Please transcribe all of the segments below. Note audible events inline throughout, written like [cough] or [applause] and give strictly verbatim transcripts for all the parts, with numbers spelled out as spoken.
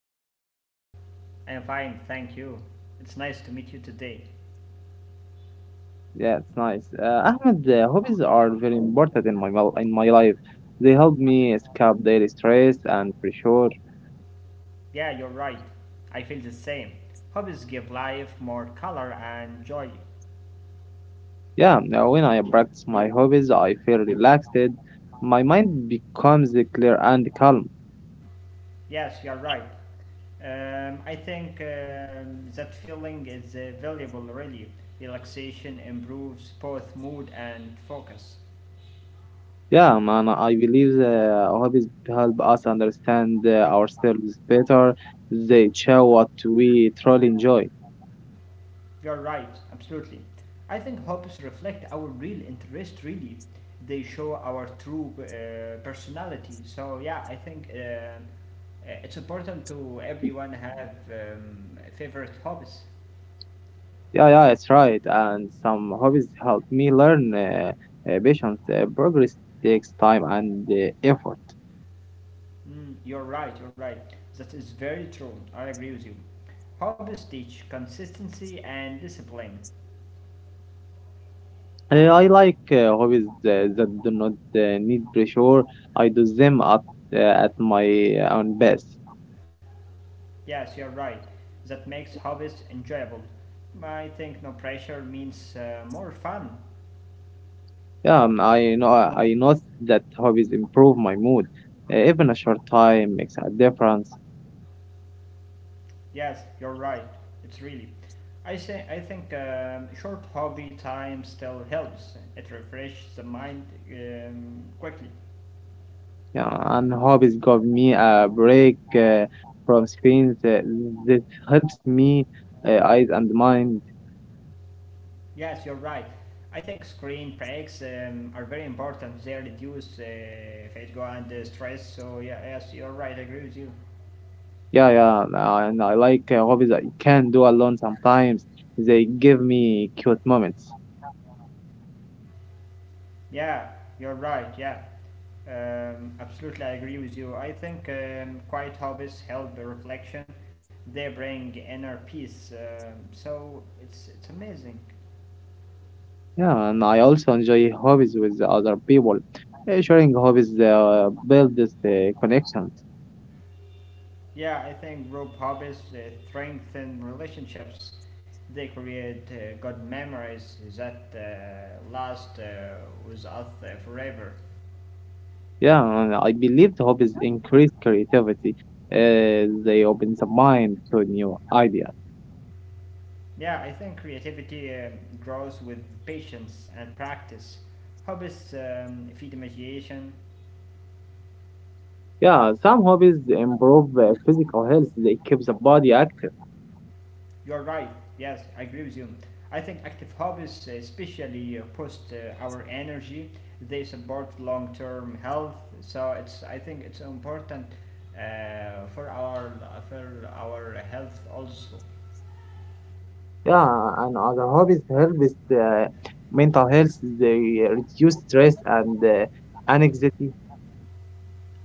how are you? I am fine, thank you. It's nice to meet you today. Yeah, it's nice. Uh, Ahmed, uh, hobbies are very important in my mel- in my life. They help me escape daily stress and pressure. Yeah, you're right. I feel the same. Hobbies give life more color and joy. Yeah, now when I practice my hobbies, I feel relaxed. My mind becomes clear and calm. Yes, you're right. Um, I think um, that feeling is uh, valuable, really. Relaxation improves both mood and focus. Yeah, man, I believe uh, hobbies help us understand uh, ourselves better. They show what we truly enjoy. You're right, absolutely. I think hobbies reflect our real interest, really. They show our true uh, personality. So, yeah, I think uh, uh, it's important to everyone have um, favorite hobbies. Yeah, yeah, it's right. And some hobbies help me learn uh, uh, patience. Uh, progress takes time and uh, effort. Mm, you're right, you're right. That is very true. I agree with you. Hobbies teach consistency and discipline. Uh, I like uh, hobbies uh, that do not uh, need pressure. I do them at, uh, at my own best. Yes, you're right. That makes hobbies enjoyable. I think no pressure means uh, more fun. Yeah, um, I know I know that hobbies improve my mood. Uh, even a short time makes a difference. Yes, you're right. It's really. I say I think um, short hobby time still helps. It refreshes the mind um, quickly. Yeah, and hobbies give me a break uh, from screens. Uh, that helps me uh, eyes and mind. Yes, you're right. I think screen breaks um, are very important. They reduce uh, fatigue and uh, stress. So yeah, yes, you're right. I agree with you. Yeah, yeah, and I and I like uh, hobbies I can do alone sometimes. They give me cute moments. Yeah, you're right. Yeah, um, absolutely, I agree with you. I think um, quiet hobbies help the reflection. They bring inner peace, um, so it's it's amazing. Yeah, and I also enjoy hobbies with the other people. Uh, Sharing hobbies uh, builds uh, connections. Yeah, I think group hobbies uh, strengthen relationships. They create uh, good memories that uh, last uh, with us uh, forever. Yeah, and I believe the hobbies increase creativity. Uh, they open the mind to new ideas. Yeah, I think creativity um, grows with patience and practice. Hobbies um, feed imagination. Yeah, some hobbies improve uh, physical health. They keep the body active. You're right. Yes, I agree with you. I think active hobbies, especially uh, boost uh, our energy. They support long-term health. So it's I think it's important uh, for our for our health also. Yeah, and other hobbies help with uh, mental health. They reduce stress and uh, anxiety.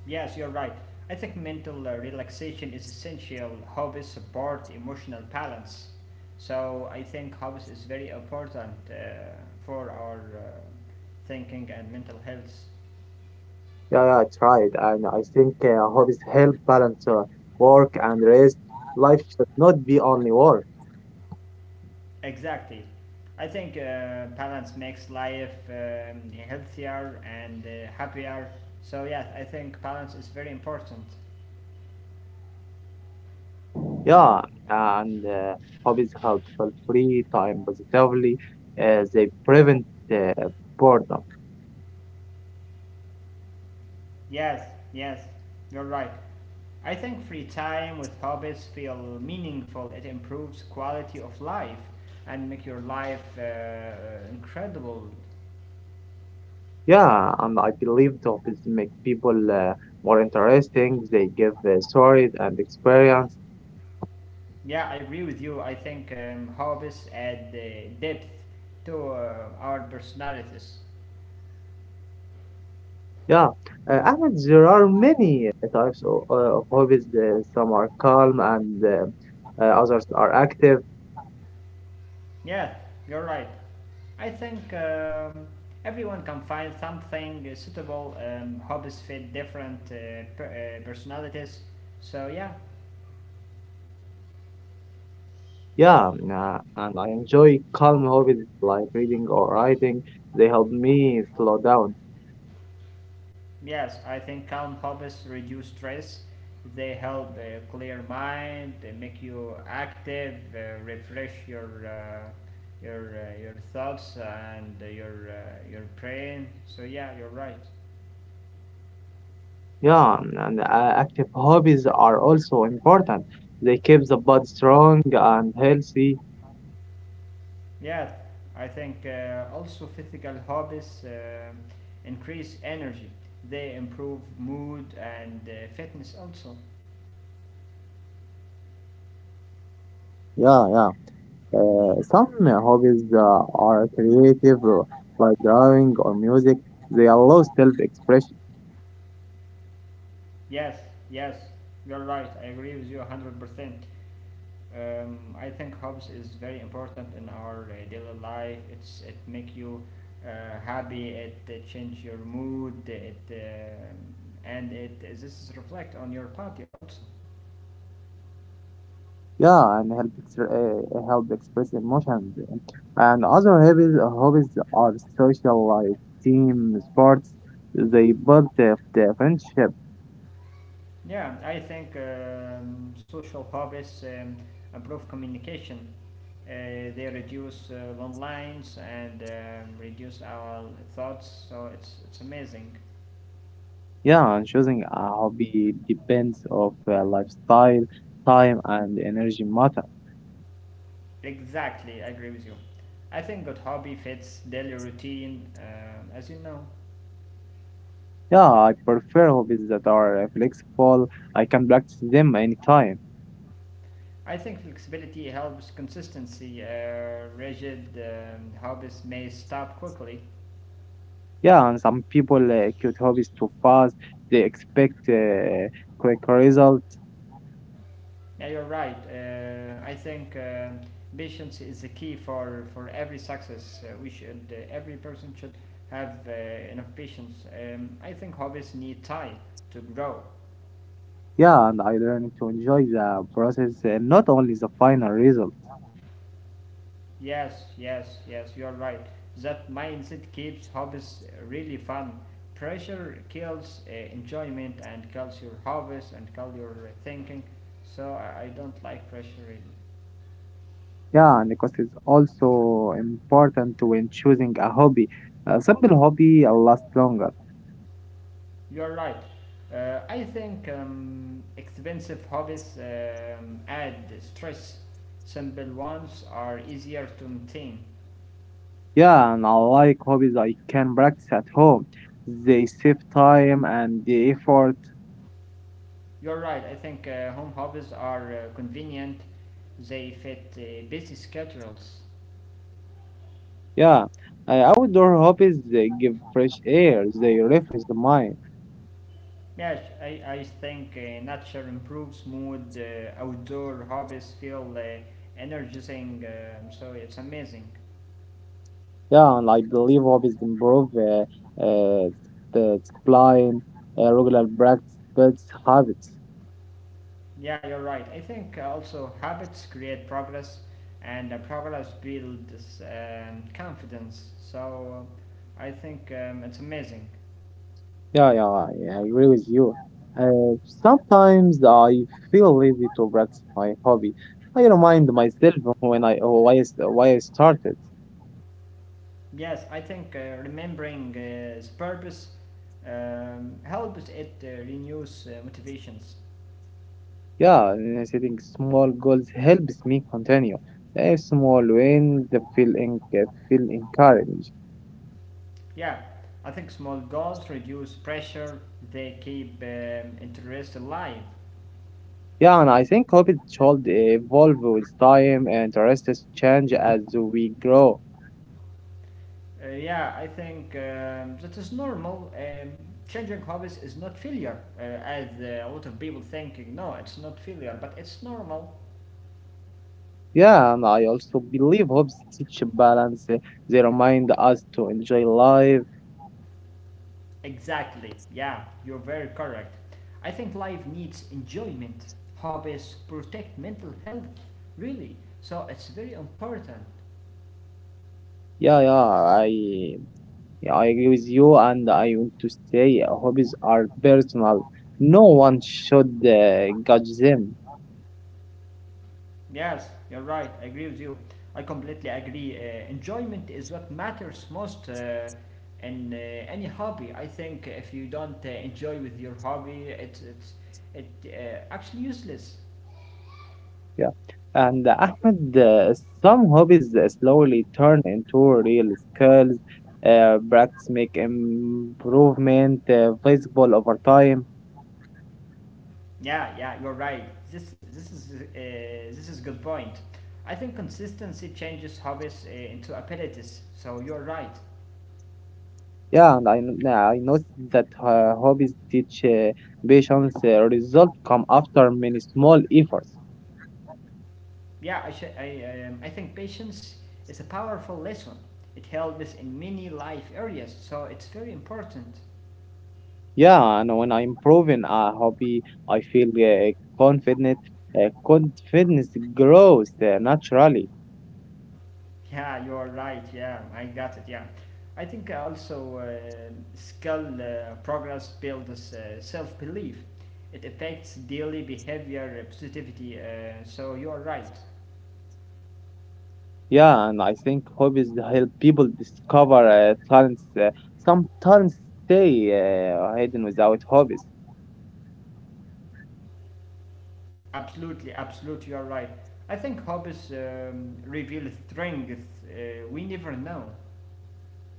Yes, you're right. I think mental uh, relaxation is essential. Hobbies support emotional balance. So I think hobbies is very important uh, for our uh, thinking and mental health. Yeah, yeah, I tried, and I think uh, hobbies help balance uh, work and rest. Life should not be only work. Exactly. I think uh, balance makes life um, healthier and uh, happier. So, yes, I think balance is very important. Yeah, and uh, hobbies help fill free time positively. Uh, they prevent uh, boredom. Yes, yes, you're right. I think free time with hobbies feel meaningful. It improves quality of life and make your life uh, incredible. Yeah, and I believe the hobbies make people uh, more interesting. They give uh, stories and experience. Yeah, I agree with you. I think um, hobbies add uh, depth to uh, our personalities. Yeah, uh, Ahmed, there are many uh, types of, uh, of hobbies. Uh, some are calm and uh, uh, others are active. Yes, you're right. I think um, everyone can find something suitable. Um, hobbies fit different uh, per- uh, personalities. So, yeah, Yeah, mm, uh, and I enjoy calm hobbies like reading or writing. They help me slow down. yes, I think calm hobbies reduce stress. They help uh, clear mind, they make you active, uh, refresh your uh, your uh, your thoughts and your uh, your brain. So yeah, you're right. Yeah, mm, and uh, active hobbies are also important. They keep the body strong and healthy. Yeah, I think uh, also physical hobbies um increase energy. They improve mood and uh, fitness also. Yeah, yeah. Uh, some uh, hobbies uh, are creative, uh, like drawing or music. They allow self-expression. Yes, yes, you're right. I agree with you one hundred percent. Um, I think hobbies is very important in our uh, daily life. It's it make you uh, happy. It, uh change your mood. It um and it this is reflect on your body also. Yeah, and help ex- uh, help express emotions. And other hobbies, hobbies are social, like team sports. They build the, the friendship. Yeah, I think um, social hobbies um, improve communication. Uh, they reduce uh, long lines and um, reduce our thoughts, so it's, it's amazing. Yeah, and choosing a hobby depends of uh, lifestyle, time, and energy matter. Exactly, I agree with you. I think good hobby fits daily routine, um, as you know. Yeah, I prefer hobbies that are uh, flexible. I can practice them anytime. I think flexibility helps consistency. Uh, rigid um, hobbies may stop quickly. Yeah, and some people uh, quit hobbies too fast. They expect uh, quick results. Yeah, you're right. Uh, I think um patience is the key for, for every success. Uh, we should uh, Every person should have uh, enough patience. Um, I think hobbies need time to grow. Yeah, and I learned to enjoy the process and not only the final result. Yes, yes, yes. You're right. That mindset keeps hobbies really fun. Pressure kills uh, enjoyment and kills your hobbies and kills your uh, thinking. So I, I don't like pressure really. Yeah, and because it's also important when choosing a hobby. A simple hobby uh, lasts longer. You're right. Uh, I think um, expensive hobbies um, add stress. Simple ones are easier to maintain. Yeah, and I like hobbies I can practice at home. They save time and the effort. You're right. I think uh, home hobbies are uh, convenient. They fit uh, busy schedules. Yeah, uh, outdoor hobbies they give fresh air. They refresh the mind. Yes, I, I think uh, nature improves mood. Uh, outdoor hobbies feel uh, energizing. Um so it's amazing. Yeah, and I believe hobbies improve uh, uh, the discipline, uh, regular practice, builds habits. Yeah, you're right. I think uh, also habits create progress, and uh, progress builds um, confidence. So uh, I think um, it's amazing. Yeah, yeah, I I agree with you. Uh, sometimes I feel lazy to practice my hobby. I remind myself when I why I, st- why I started. Yes, I think uh, remembering uh, its purpose um, helps it uh, renews uh, motivations. Yeah, and setting small goals helps me continue. A small wins feel en- uh, feel encouraged. Yeah, I think small goals reduce pressure. They keep um, interest alive. Yeah, and I think hobbies should evolve with time and interests change as we grow. Uh, yeah, I think um, that is normal. Um, changing hobbies is not failure, uh, as uh, a lot of people thinking. No, it's not failure, but it's normal. Yeah, and I also believe hobbies teach balance. They remind us to enjoy life. Exactly. Yeah, you're very correct. I think life needs enjoyment. Hobbies protect mental health, really. So it's very important. Yeah, yeah, I yeah, I agree with you, and I want to say uh, hobbies are personal. No one should uh, judge them. Yes, you're right. I agree with you. I completely agree. Uh, enjoyment is what matters most uh, in uh, any hobby. I think if you don't uh, enjoy with your hobby, it it's it uh, actually useless. Yeah, and uh, Ahmed, uh, some hobbies uh, slowly turn into real skills. Uh, practice make improvement uh, visible over time. Yeah, yeah, you're right. This this is uh, this is good point. I think consistency changes hobbies uh, into abilities. So you're right. Yeah, and I kn- I noticed that uh, hobbies teach uh, patience. Uh, result come after many small efforts. Yeah, I sh- I um, I think patience is a powerful lesson. It helps in many life areas. So it's very important. Yeah, and when I am improving a hobby, I feel uh, confident. Uh, confidence grows uh, naturally. Yeah, you are right. Yeah, I got it. Yeah, I think uh, also uh, skill uh, progress builds uh, self belief. It affects daily behavior uh, positivity. Uh, so you are right. Yeah, and I think hobbies help people discover uh, talents. Uh, some talents stay uh, hidden without hobbies. Absolutely, absolutely, you are right. I think hobbies um, reveal strength uh, we never know.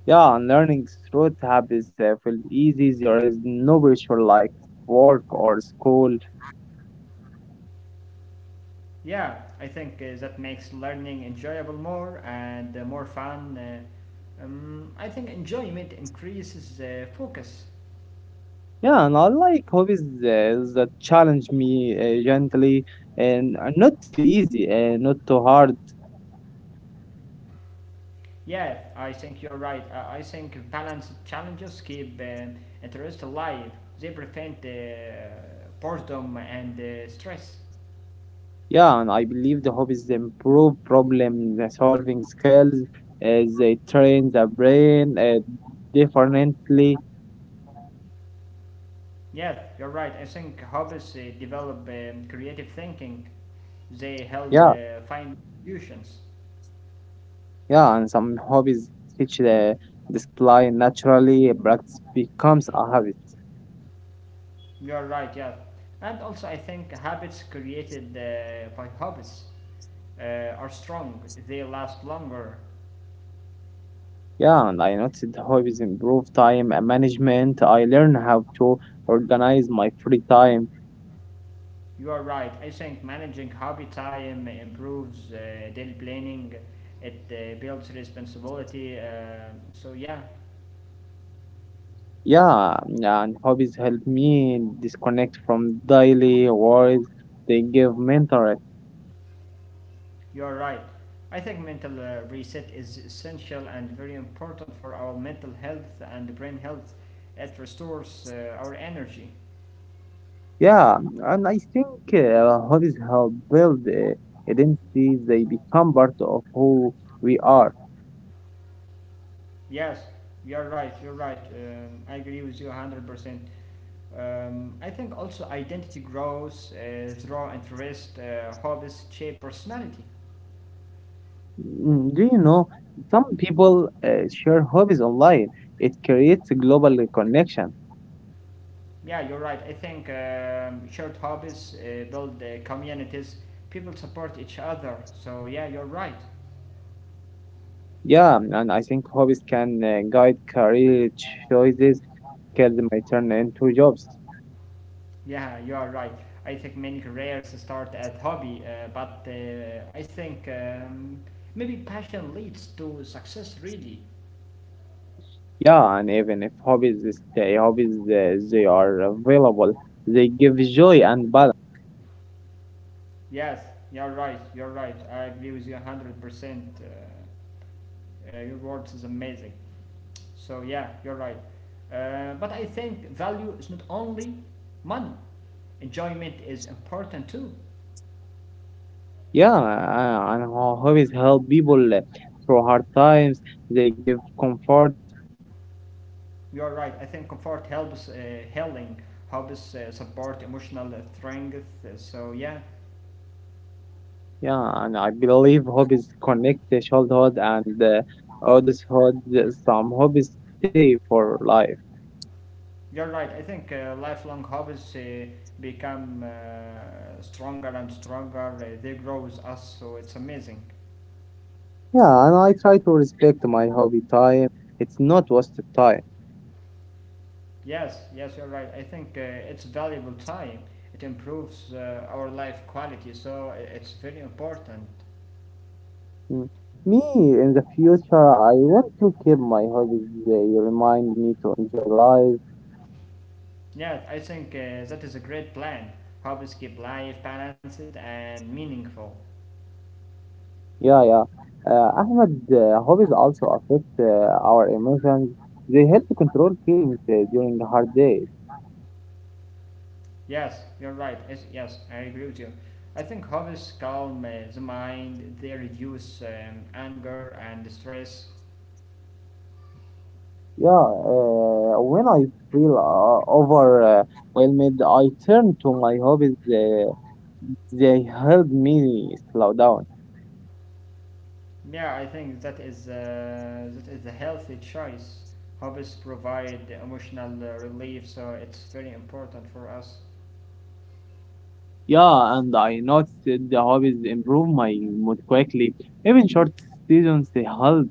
Yeah, and learning through hobbies uh, feels easy. There is no pressure like work or school. Yeah, I think uh, that makes learning enjoyable more and uh, more fun. Uh, um, I think enjoyment increases uh, focus. Yeah, and I like hobbies uh, that challenge me uh, gently and uh, not too easy and not too hard. Yeah, I think you're right. I, I think balanced challenges keep um, interest alive. They prevent uh, boredom and uh, stress. Yeah, and I believe the hobbies improve problem solving skills, as they train the brain uh, differently. Yeah, you're right. I think hobbies uh, develop um, creative thinking. They help Yeah, uh, find solutions. yeah, and some hobbies teach the discipline naturally. Practice becomes a habit. You're right. Yeah, and also I think habits created uh, by hobbies uh, are strong. They last longer. Yeah, and I noticed the hobbies improve time and management. I learn how to organize my free time. You are right. I think managing hobby time improves uh, daily planning. It uh, builds responsibility. Uh, so yeah, Yeah, yeah, and hobbies help me disconnect from daily worries. They give mental. you are right. I think mental uh, reset is essential and very important for our mental health and brain health. It restores uh, our energy. Yeah, and I think uh, hobbies help build uh, identity. They become part of who we are. Yes, you are right. You're right. Um, I agree with you one hundred percent. Um, I think also identity grows uh, through interest, uh, hobbies shape personality. Mm, do you know some people uh, share hobbies online? It creates a global connection. Yeah, you're right. I think um, shared hobbies uh, build uh, communities. People support each other. So yeah, you're right. Yeah, and I think hobbies can uh, guide career choices, skills may turn into jobs. Yeah, you are right. I think many careers start at hobby, uh, but uh, I think um, maybe passion leads to success. Really. Yeah, and even if hobbies stay hobbies, uh, they are available. They give joy and balance. Yes, you're right. You're right. I agree with you one hundred percent. Uh, Uh, your words is amazing. So yeah, you're right. Uh, but I think value is not only money. Enjoyment is important too. Yeah, uh, and ho- hobbies help people uh, through hard times. They give comfort. You're right. I think comfort helps uh, healing. Hobbies uh, support emotional strength. So yeah, Yeah, and I believe hobbies connect the childhood and uh, adulthood. Some hobbies stay for life. you're right. I think uh, lifelong hobbies uh, become uh, stronger and stronger. Uh, they grow with us, so it's amazing. Yeah, and I try to respect my hobby time. It's not wasted time. Yes, yes, you're right. I think uh, it's valuable time. It improves uh, our life quality, so i- it's very important. Mm. Me, in the future, I want to keep my hobbies. They remind me to enjoy life. Yeah, I think uh, that is a great plan. Hobbies keep life balanced and meaningful. Yeah, yeah. Uh, Ahmed, uh, hobbies also affect uh, our emotions. They help to control feelings uh, during hard days. Yes, you're right. Yes, yes I agree with you. I think hobbies calm uh, the mind, they reduce um, anger and stress. Yeah, uh, when I feel uh, overwhelmed, I turn to my hobbies. Uh, they help me slow down. Yeah, I think that is uh, that is a healthy choice. Hobbies provide emotional uh, relief, so it's very important for us. Yeah, and I noticed the hobbies improve my mood quickly. Even short seasons they help.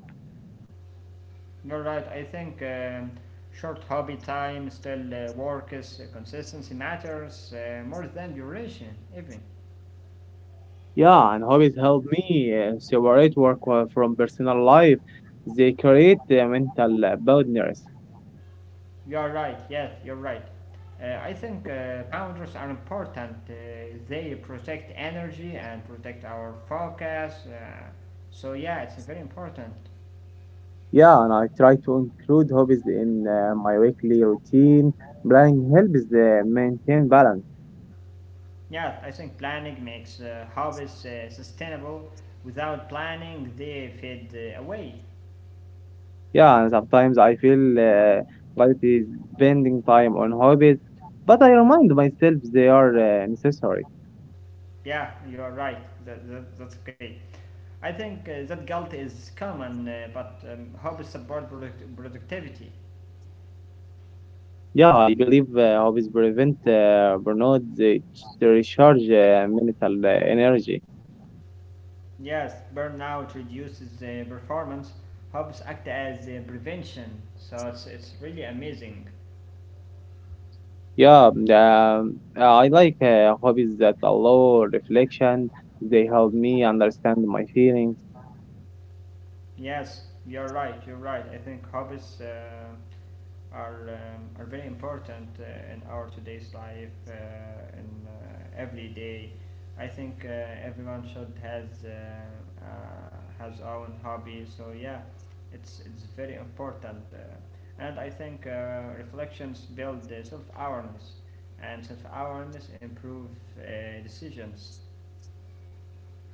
You're right. I think um, short hobby time still uh, works. Uh, consistency matters uh, more than duration, even. Yeah, and hobbies help me uh, separate work uh, from personal life. They create uh, mental uh, boundaries. You are right. Yes, you're right. Uh, I think uh, boundaries are important. Uh, they protect energy and protect our focus. Uh, so yeah, it's very important. Yeah, and I try to include hobbies in uh, my weekly routine. Planning helps uh, maintain balance. Yeah, I think planning makes uh, hobbies uh, sustainable. Without planning, they fade uh, away. Yeah, and sometimes I feel uh, guilty spending time on hobbies, but I remind myself they are uh, necessary. Yeah, you're right. That, that, that's okay. I think uh, that guilt is common, uh, but um, hobbies support product- productivity. Yeah, I believe uh, hobbies prevent uh, burnout. They recharge uh, mental uh, energy. Yes, burnout reduces uh, performance. Hobbies act as uh, prevention, so it's, it's really amazing. Yeah, um, I like uh, hobbies that allow reflection. They help me understand my feelings. Yes, you're right. You're right. I think hobbies. Uh, are um, are very important uh, in our today's life uh, in uh, every day. I think uh, everyone should has uh, uh, has own hobby. So yeah, it's it's very important, uh, and I think uh, reflections build uh, self awareness, and self awareness improve uh, decisions.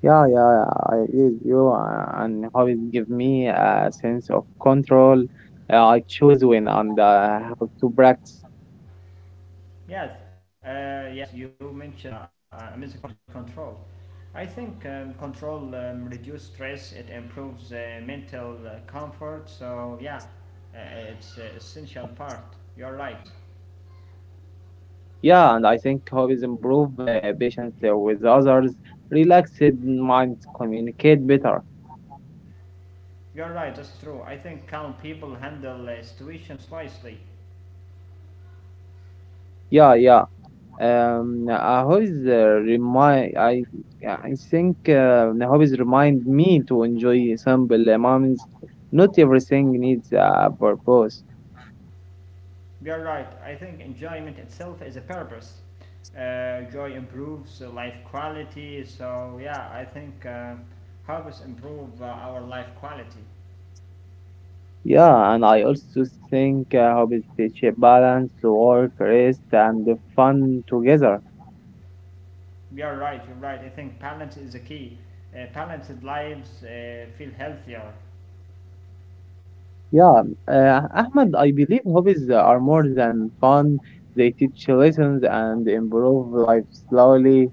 Yeah, yeah, I use you, uh, and hobbies give me a sense of control. Uh, I choose when and uh, how to practice. Yes, uh, yes, you mentioned uh, amazing point control. I think um, control um, reduces stress, it improves uh, mental uh, comfort, so yeah, uh, it's an essential part. You're right. Yeah, and I think hobbies improve uh, patience uh, with others, relaxed minds communicate better. You're right, that's true. I think calm people handle uh, situations wisely. Yeah, yeah. Um, uh, hobbies uh, remind I Yeah, I think uh, the hobbies remind me to enjoy simple moments. Not everything needs a purpose. You're right. I think enjoyment itself is a purpose. Uh, joy improves uh, life quality, so yeah, I think uh, helps improve uh, our life quality. Yeah, and I also think uh, hobbies teach a balance to work, rest, and the fun together. You're right, you're right. I think balance is a key. Uh, balanced lives uh, feel healthier. Yeah, uh, Ahmed, I believe hobbies are more than fun. They teach lessons and improve life slowly.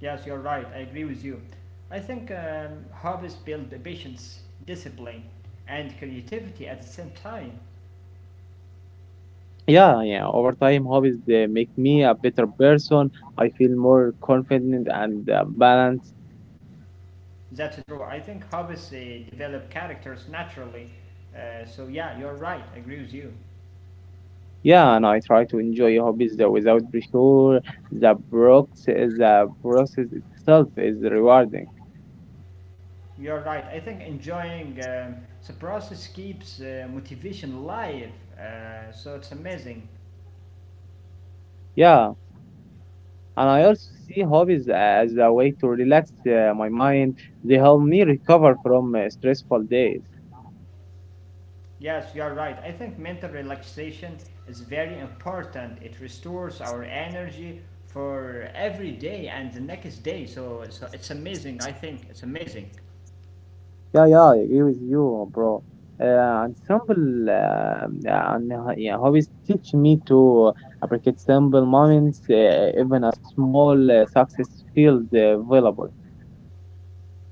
Yes, you're right. I agree with you. I think um, hobbies build the patience, discipline, and creativity at the same time. Yeah, yeah. Over time, hobbies they make me a better person. I feel more confident and uh, balanced. That's true. I think hobbies uh, develop characters naturally. Uh, so, yeah, you're right. I agree with you. Yeah, and I try to enjoy hobbies that without pressure. The process, the process itself is rewarding. You're right. I think enjoying um, the process keeps uh, motivation alive. Uh, so, it's amazing. Yeah, and I also see hobbies as a way to relax uh, my mind. They help me recover from uh, stressful days. Yes, you are right. I think mental relaxation is very important. It restores our energy for every day and the next day. So, so it's amazing. I think it's amazing. Yeah, yeah, I agree with you, bro. Uh, and simple uh, uh, and uh, yeah, hobbies teach me to uh, appreciate simple moments, uh, even a small uh, success feels uh, valuable.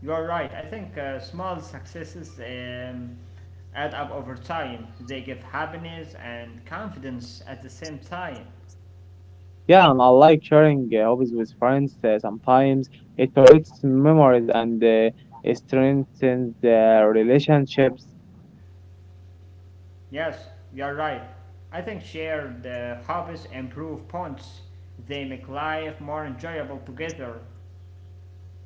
You are right. I think uh, small successes um, add up over time. They give happiness and confidence at the same time. Yeah, and I like sharing uh, hobbies with friends uh, sometimes. It creates memories and uh, it strengthens uh, relationships. Yes, you are right. I think shared uh, hobbies improve bonds. They make life more enjoyable together.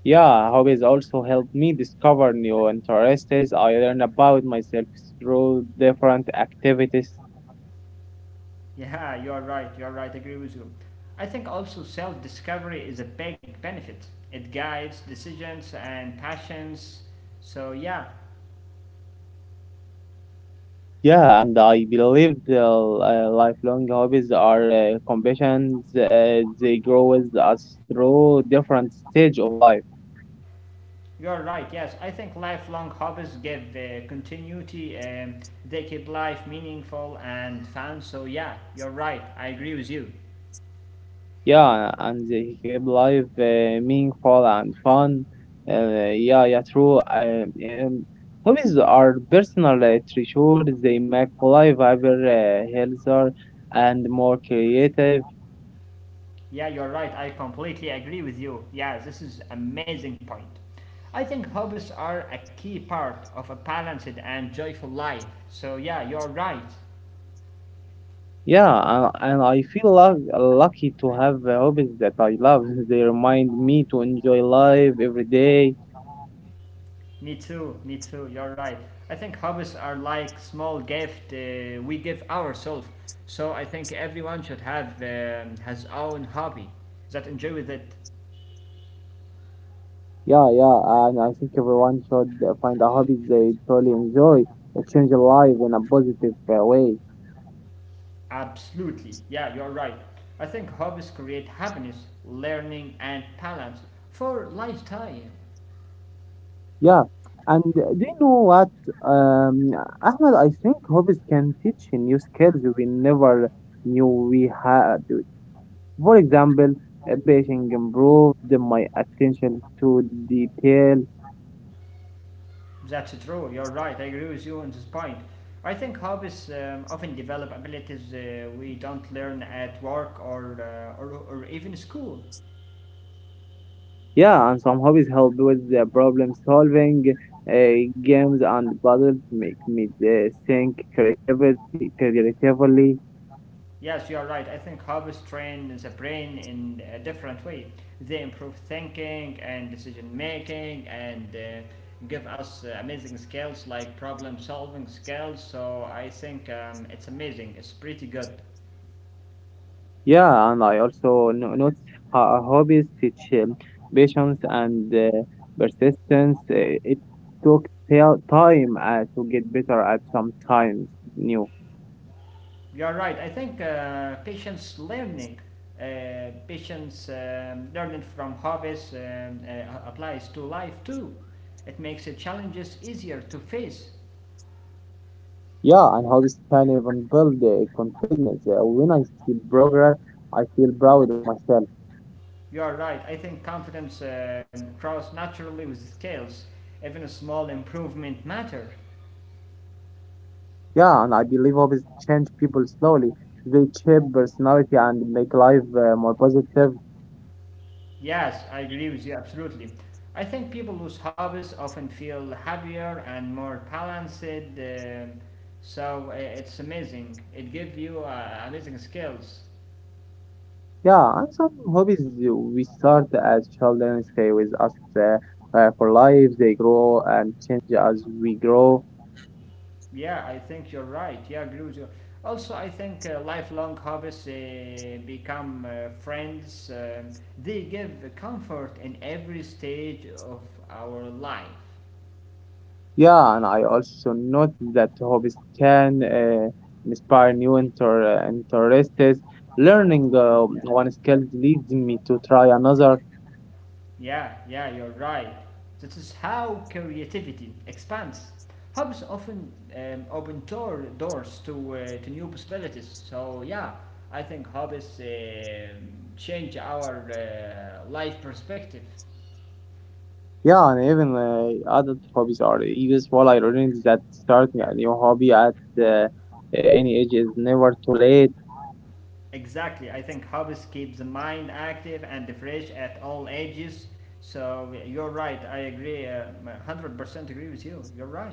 Yeah, hobbies also help me discover new interests. I learn about myself through different activities. Yeah, you're right, you're right, I agree with you. I think also self discovery is a big benefit. It guides decisions and passions. So, yeah, Yeah, and I believe the uh, lifelong hobbies are uh, companions. Uh, they grow with us through different stage of life. you're right, yes. I think lifelong hobbies give uh, continuity, um, they keep life meaningful and fun. So, yeah, you're right, I agree with you. Yeah, and they keep life uh, meaningful and fun. Uh, yeah, yeah, true. Um, um, hobbies are personal uh, treasure. They make life ever uh, healthier and more creative. Yeah, you're right, I completely agree with you. Yeah, this is amazing point. I think hobbies are a key part of a balanced and joyful life. So, yeah, you're right. Yeah, uh, and I feel luck lucky to have uh, hobbies that I love. [laughs] They remind me to enjoy life every day. Me too, me too, you're right. I think hobbies are like small gift uh, we give ourselves. So I think everyone should have um, his own hobby that enjoy with it. Yeah, yeah, and I think everyone should uh, find a hobby they truly enjoy. It changes life in a positive uh, way. Absolutely, yeah, you're right. I think hobbies create happiness, learning, and balance for lifetime. Yeah, and uh, do you know what, um, Ahmed? I think hobbies can teach you new skills we never knew we had. For example, uh, painting improved my attention to detail. That's true, you're right, I agree with you on this point. I think hobbies um, often develop abilities uh, we don't learn at work or, uh, or, or even school. Yeah, and some hobbies help with the problem solving. Uh, games and puzzles make me uh, think creativity, creatively. Yes, you are right. I think hobbies train the brain in a different way. They improve thinking and decision making and uh, give us uh, amazing skills like problem solving skills. So I think um, it's amazing. It's pretty good. Yeah, and I also no- notice how uh, hobbies teach um, patience and uh, persistence. Uh, it took ta- time uh, to get better at sometimes new. You are right. I think uh, patience learning, uh, patience um, learning from hobbies um, uh, applies to life too. It makes the challenges easier to face. Yeah, and hobbies can even build uh, confidence. Uh, when I see progress, I feel proud of myself. You are right. I think confidence um, grows naturally with skills. Even a small improvement matter. Yeah, and I believe hobbies change people slowly. They shape personality and make life uh, more positive. Yes, I agree with you absolutely. I think people whose hobbies often feel happier and more balanced. um so uh, it's amazing. It gives you uh, amazing skills. Yeah, and some hobbies uh, we start as children stay with us uh, uh, for life. They grow and change as we grow. Yeah, I think you're right. Yeah, I agree with you. Also, I think uh, lifelong hobbies uh, become uh, friends. Um, they give comfort in every stage of our life. Yeah, and I also note that hobbies can uh, inspire new inter- uh, interests. Learning uh, one skill leads me to try another. Yeah, yeah, you're right. That is how creativity expands. Hobbies often um, open door, doors to, uh, to new possibilities. So, yeah, I think hobbies um change our uh, life perspective. Yeah, and even uh, adult hobbies are useful. I learned that starting a new hobby at uh, any age is never too late. Exactly. I think hobbies keep the mind active and fresh at all ages. So you're right. I agree. uh, one hundred percent agree with you. You're right.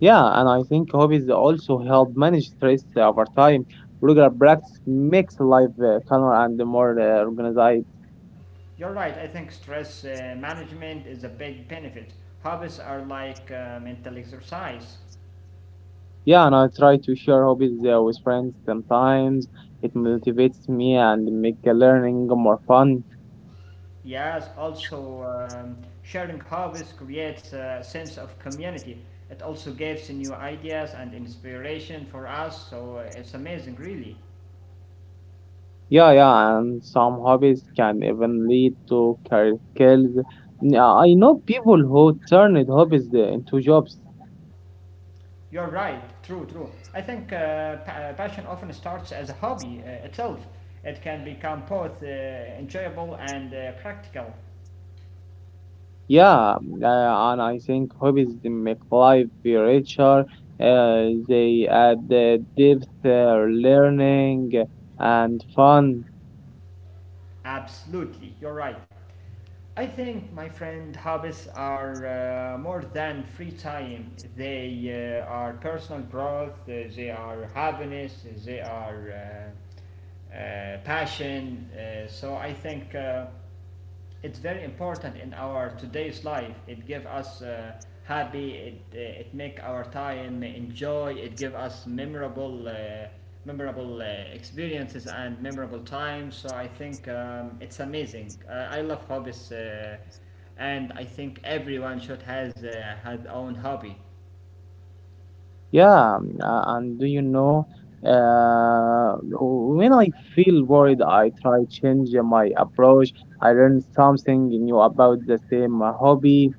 Yeah, and I think hobbies also help manage stress over time. Regular practice makes life uh, calmer and more uh, organized. You're right. I think stress uh, management is a big benefit. Hobbies are like uh, mental exercise. Yeah, and I try to share hobbies uh, with friends sometimes. It motivates me and make learning more fun. Yes, also um, sharing hobbies creates a sense of community. It also gives new ideas and inspiration for us. So uh, it's amazing, really. Yeah, yeah, and some hobbies can even lead to career skills. N- uh, I know people who turned hobbies the- into jobs. You're right. True, true. I think uh, pa- uh, passion often starts as a hobby uh, itself. It can become both uh, enjoyable and uh, practical. Yeah, mm, uh, and I think hobbies they make life richer. Uh, they add the depth, uh, learning, and fun. Absolutely, you're right. I think, my friend, hobbies are uh, more than free time. They uh, are personal growth, uh, they are happiness, they are uh, uh, passion. Uh, so I think. Uh, it's very important in our today's life it give us uh, happy it, uh, it make our time enjoy it give us memorable uh, memorable uh, experiences and memorable times so I think um, it's amazing uh, I love hobbies uh, and I think everyone should has uh, had own hobby. Yeah, um, uh, and do you know, uh, wh- when I feel worried, I try change uh, my approach. I learn something new about the same uh, hobby.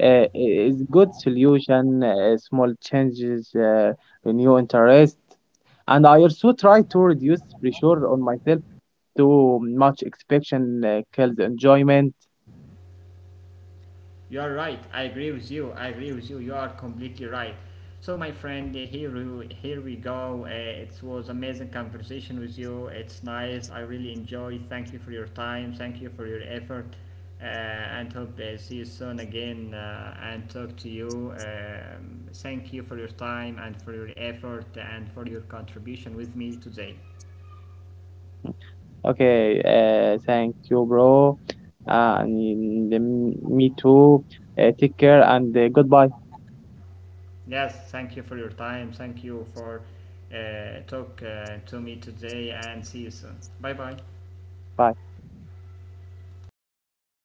Uh, i- it's good solution, uh, small changes, uh, a new interest. And I also try to reduce pressure on myself. Too much expectation uh, kills enjoyment. You are right. I agree with you. I agree with you. You are completely right. So, my friend, uh, here we, here we go. Uh, it was amazing conversation with you. It's nice. I really enjoy. Thank you for your time. Thank you for your effort. Uh, and hope uh, see you soon again uh, and talk to you. Um, thank you for your time and for your effort and for your contribution with me today. Okay, uh, thank you, bro. Uh, and me too. Uh, take care and uh, goodbye. Yes, thank you for your time. Thank you for uh, talk uh, to me today and see you soon. Bye bye. Bye.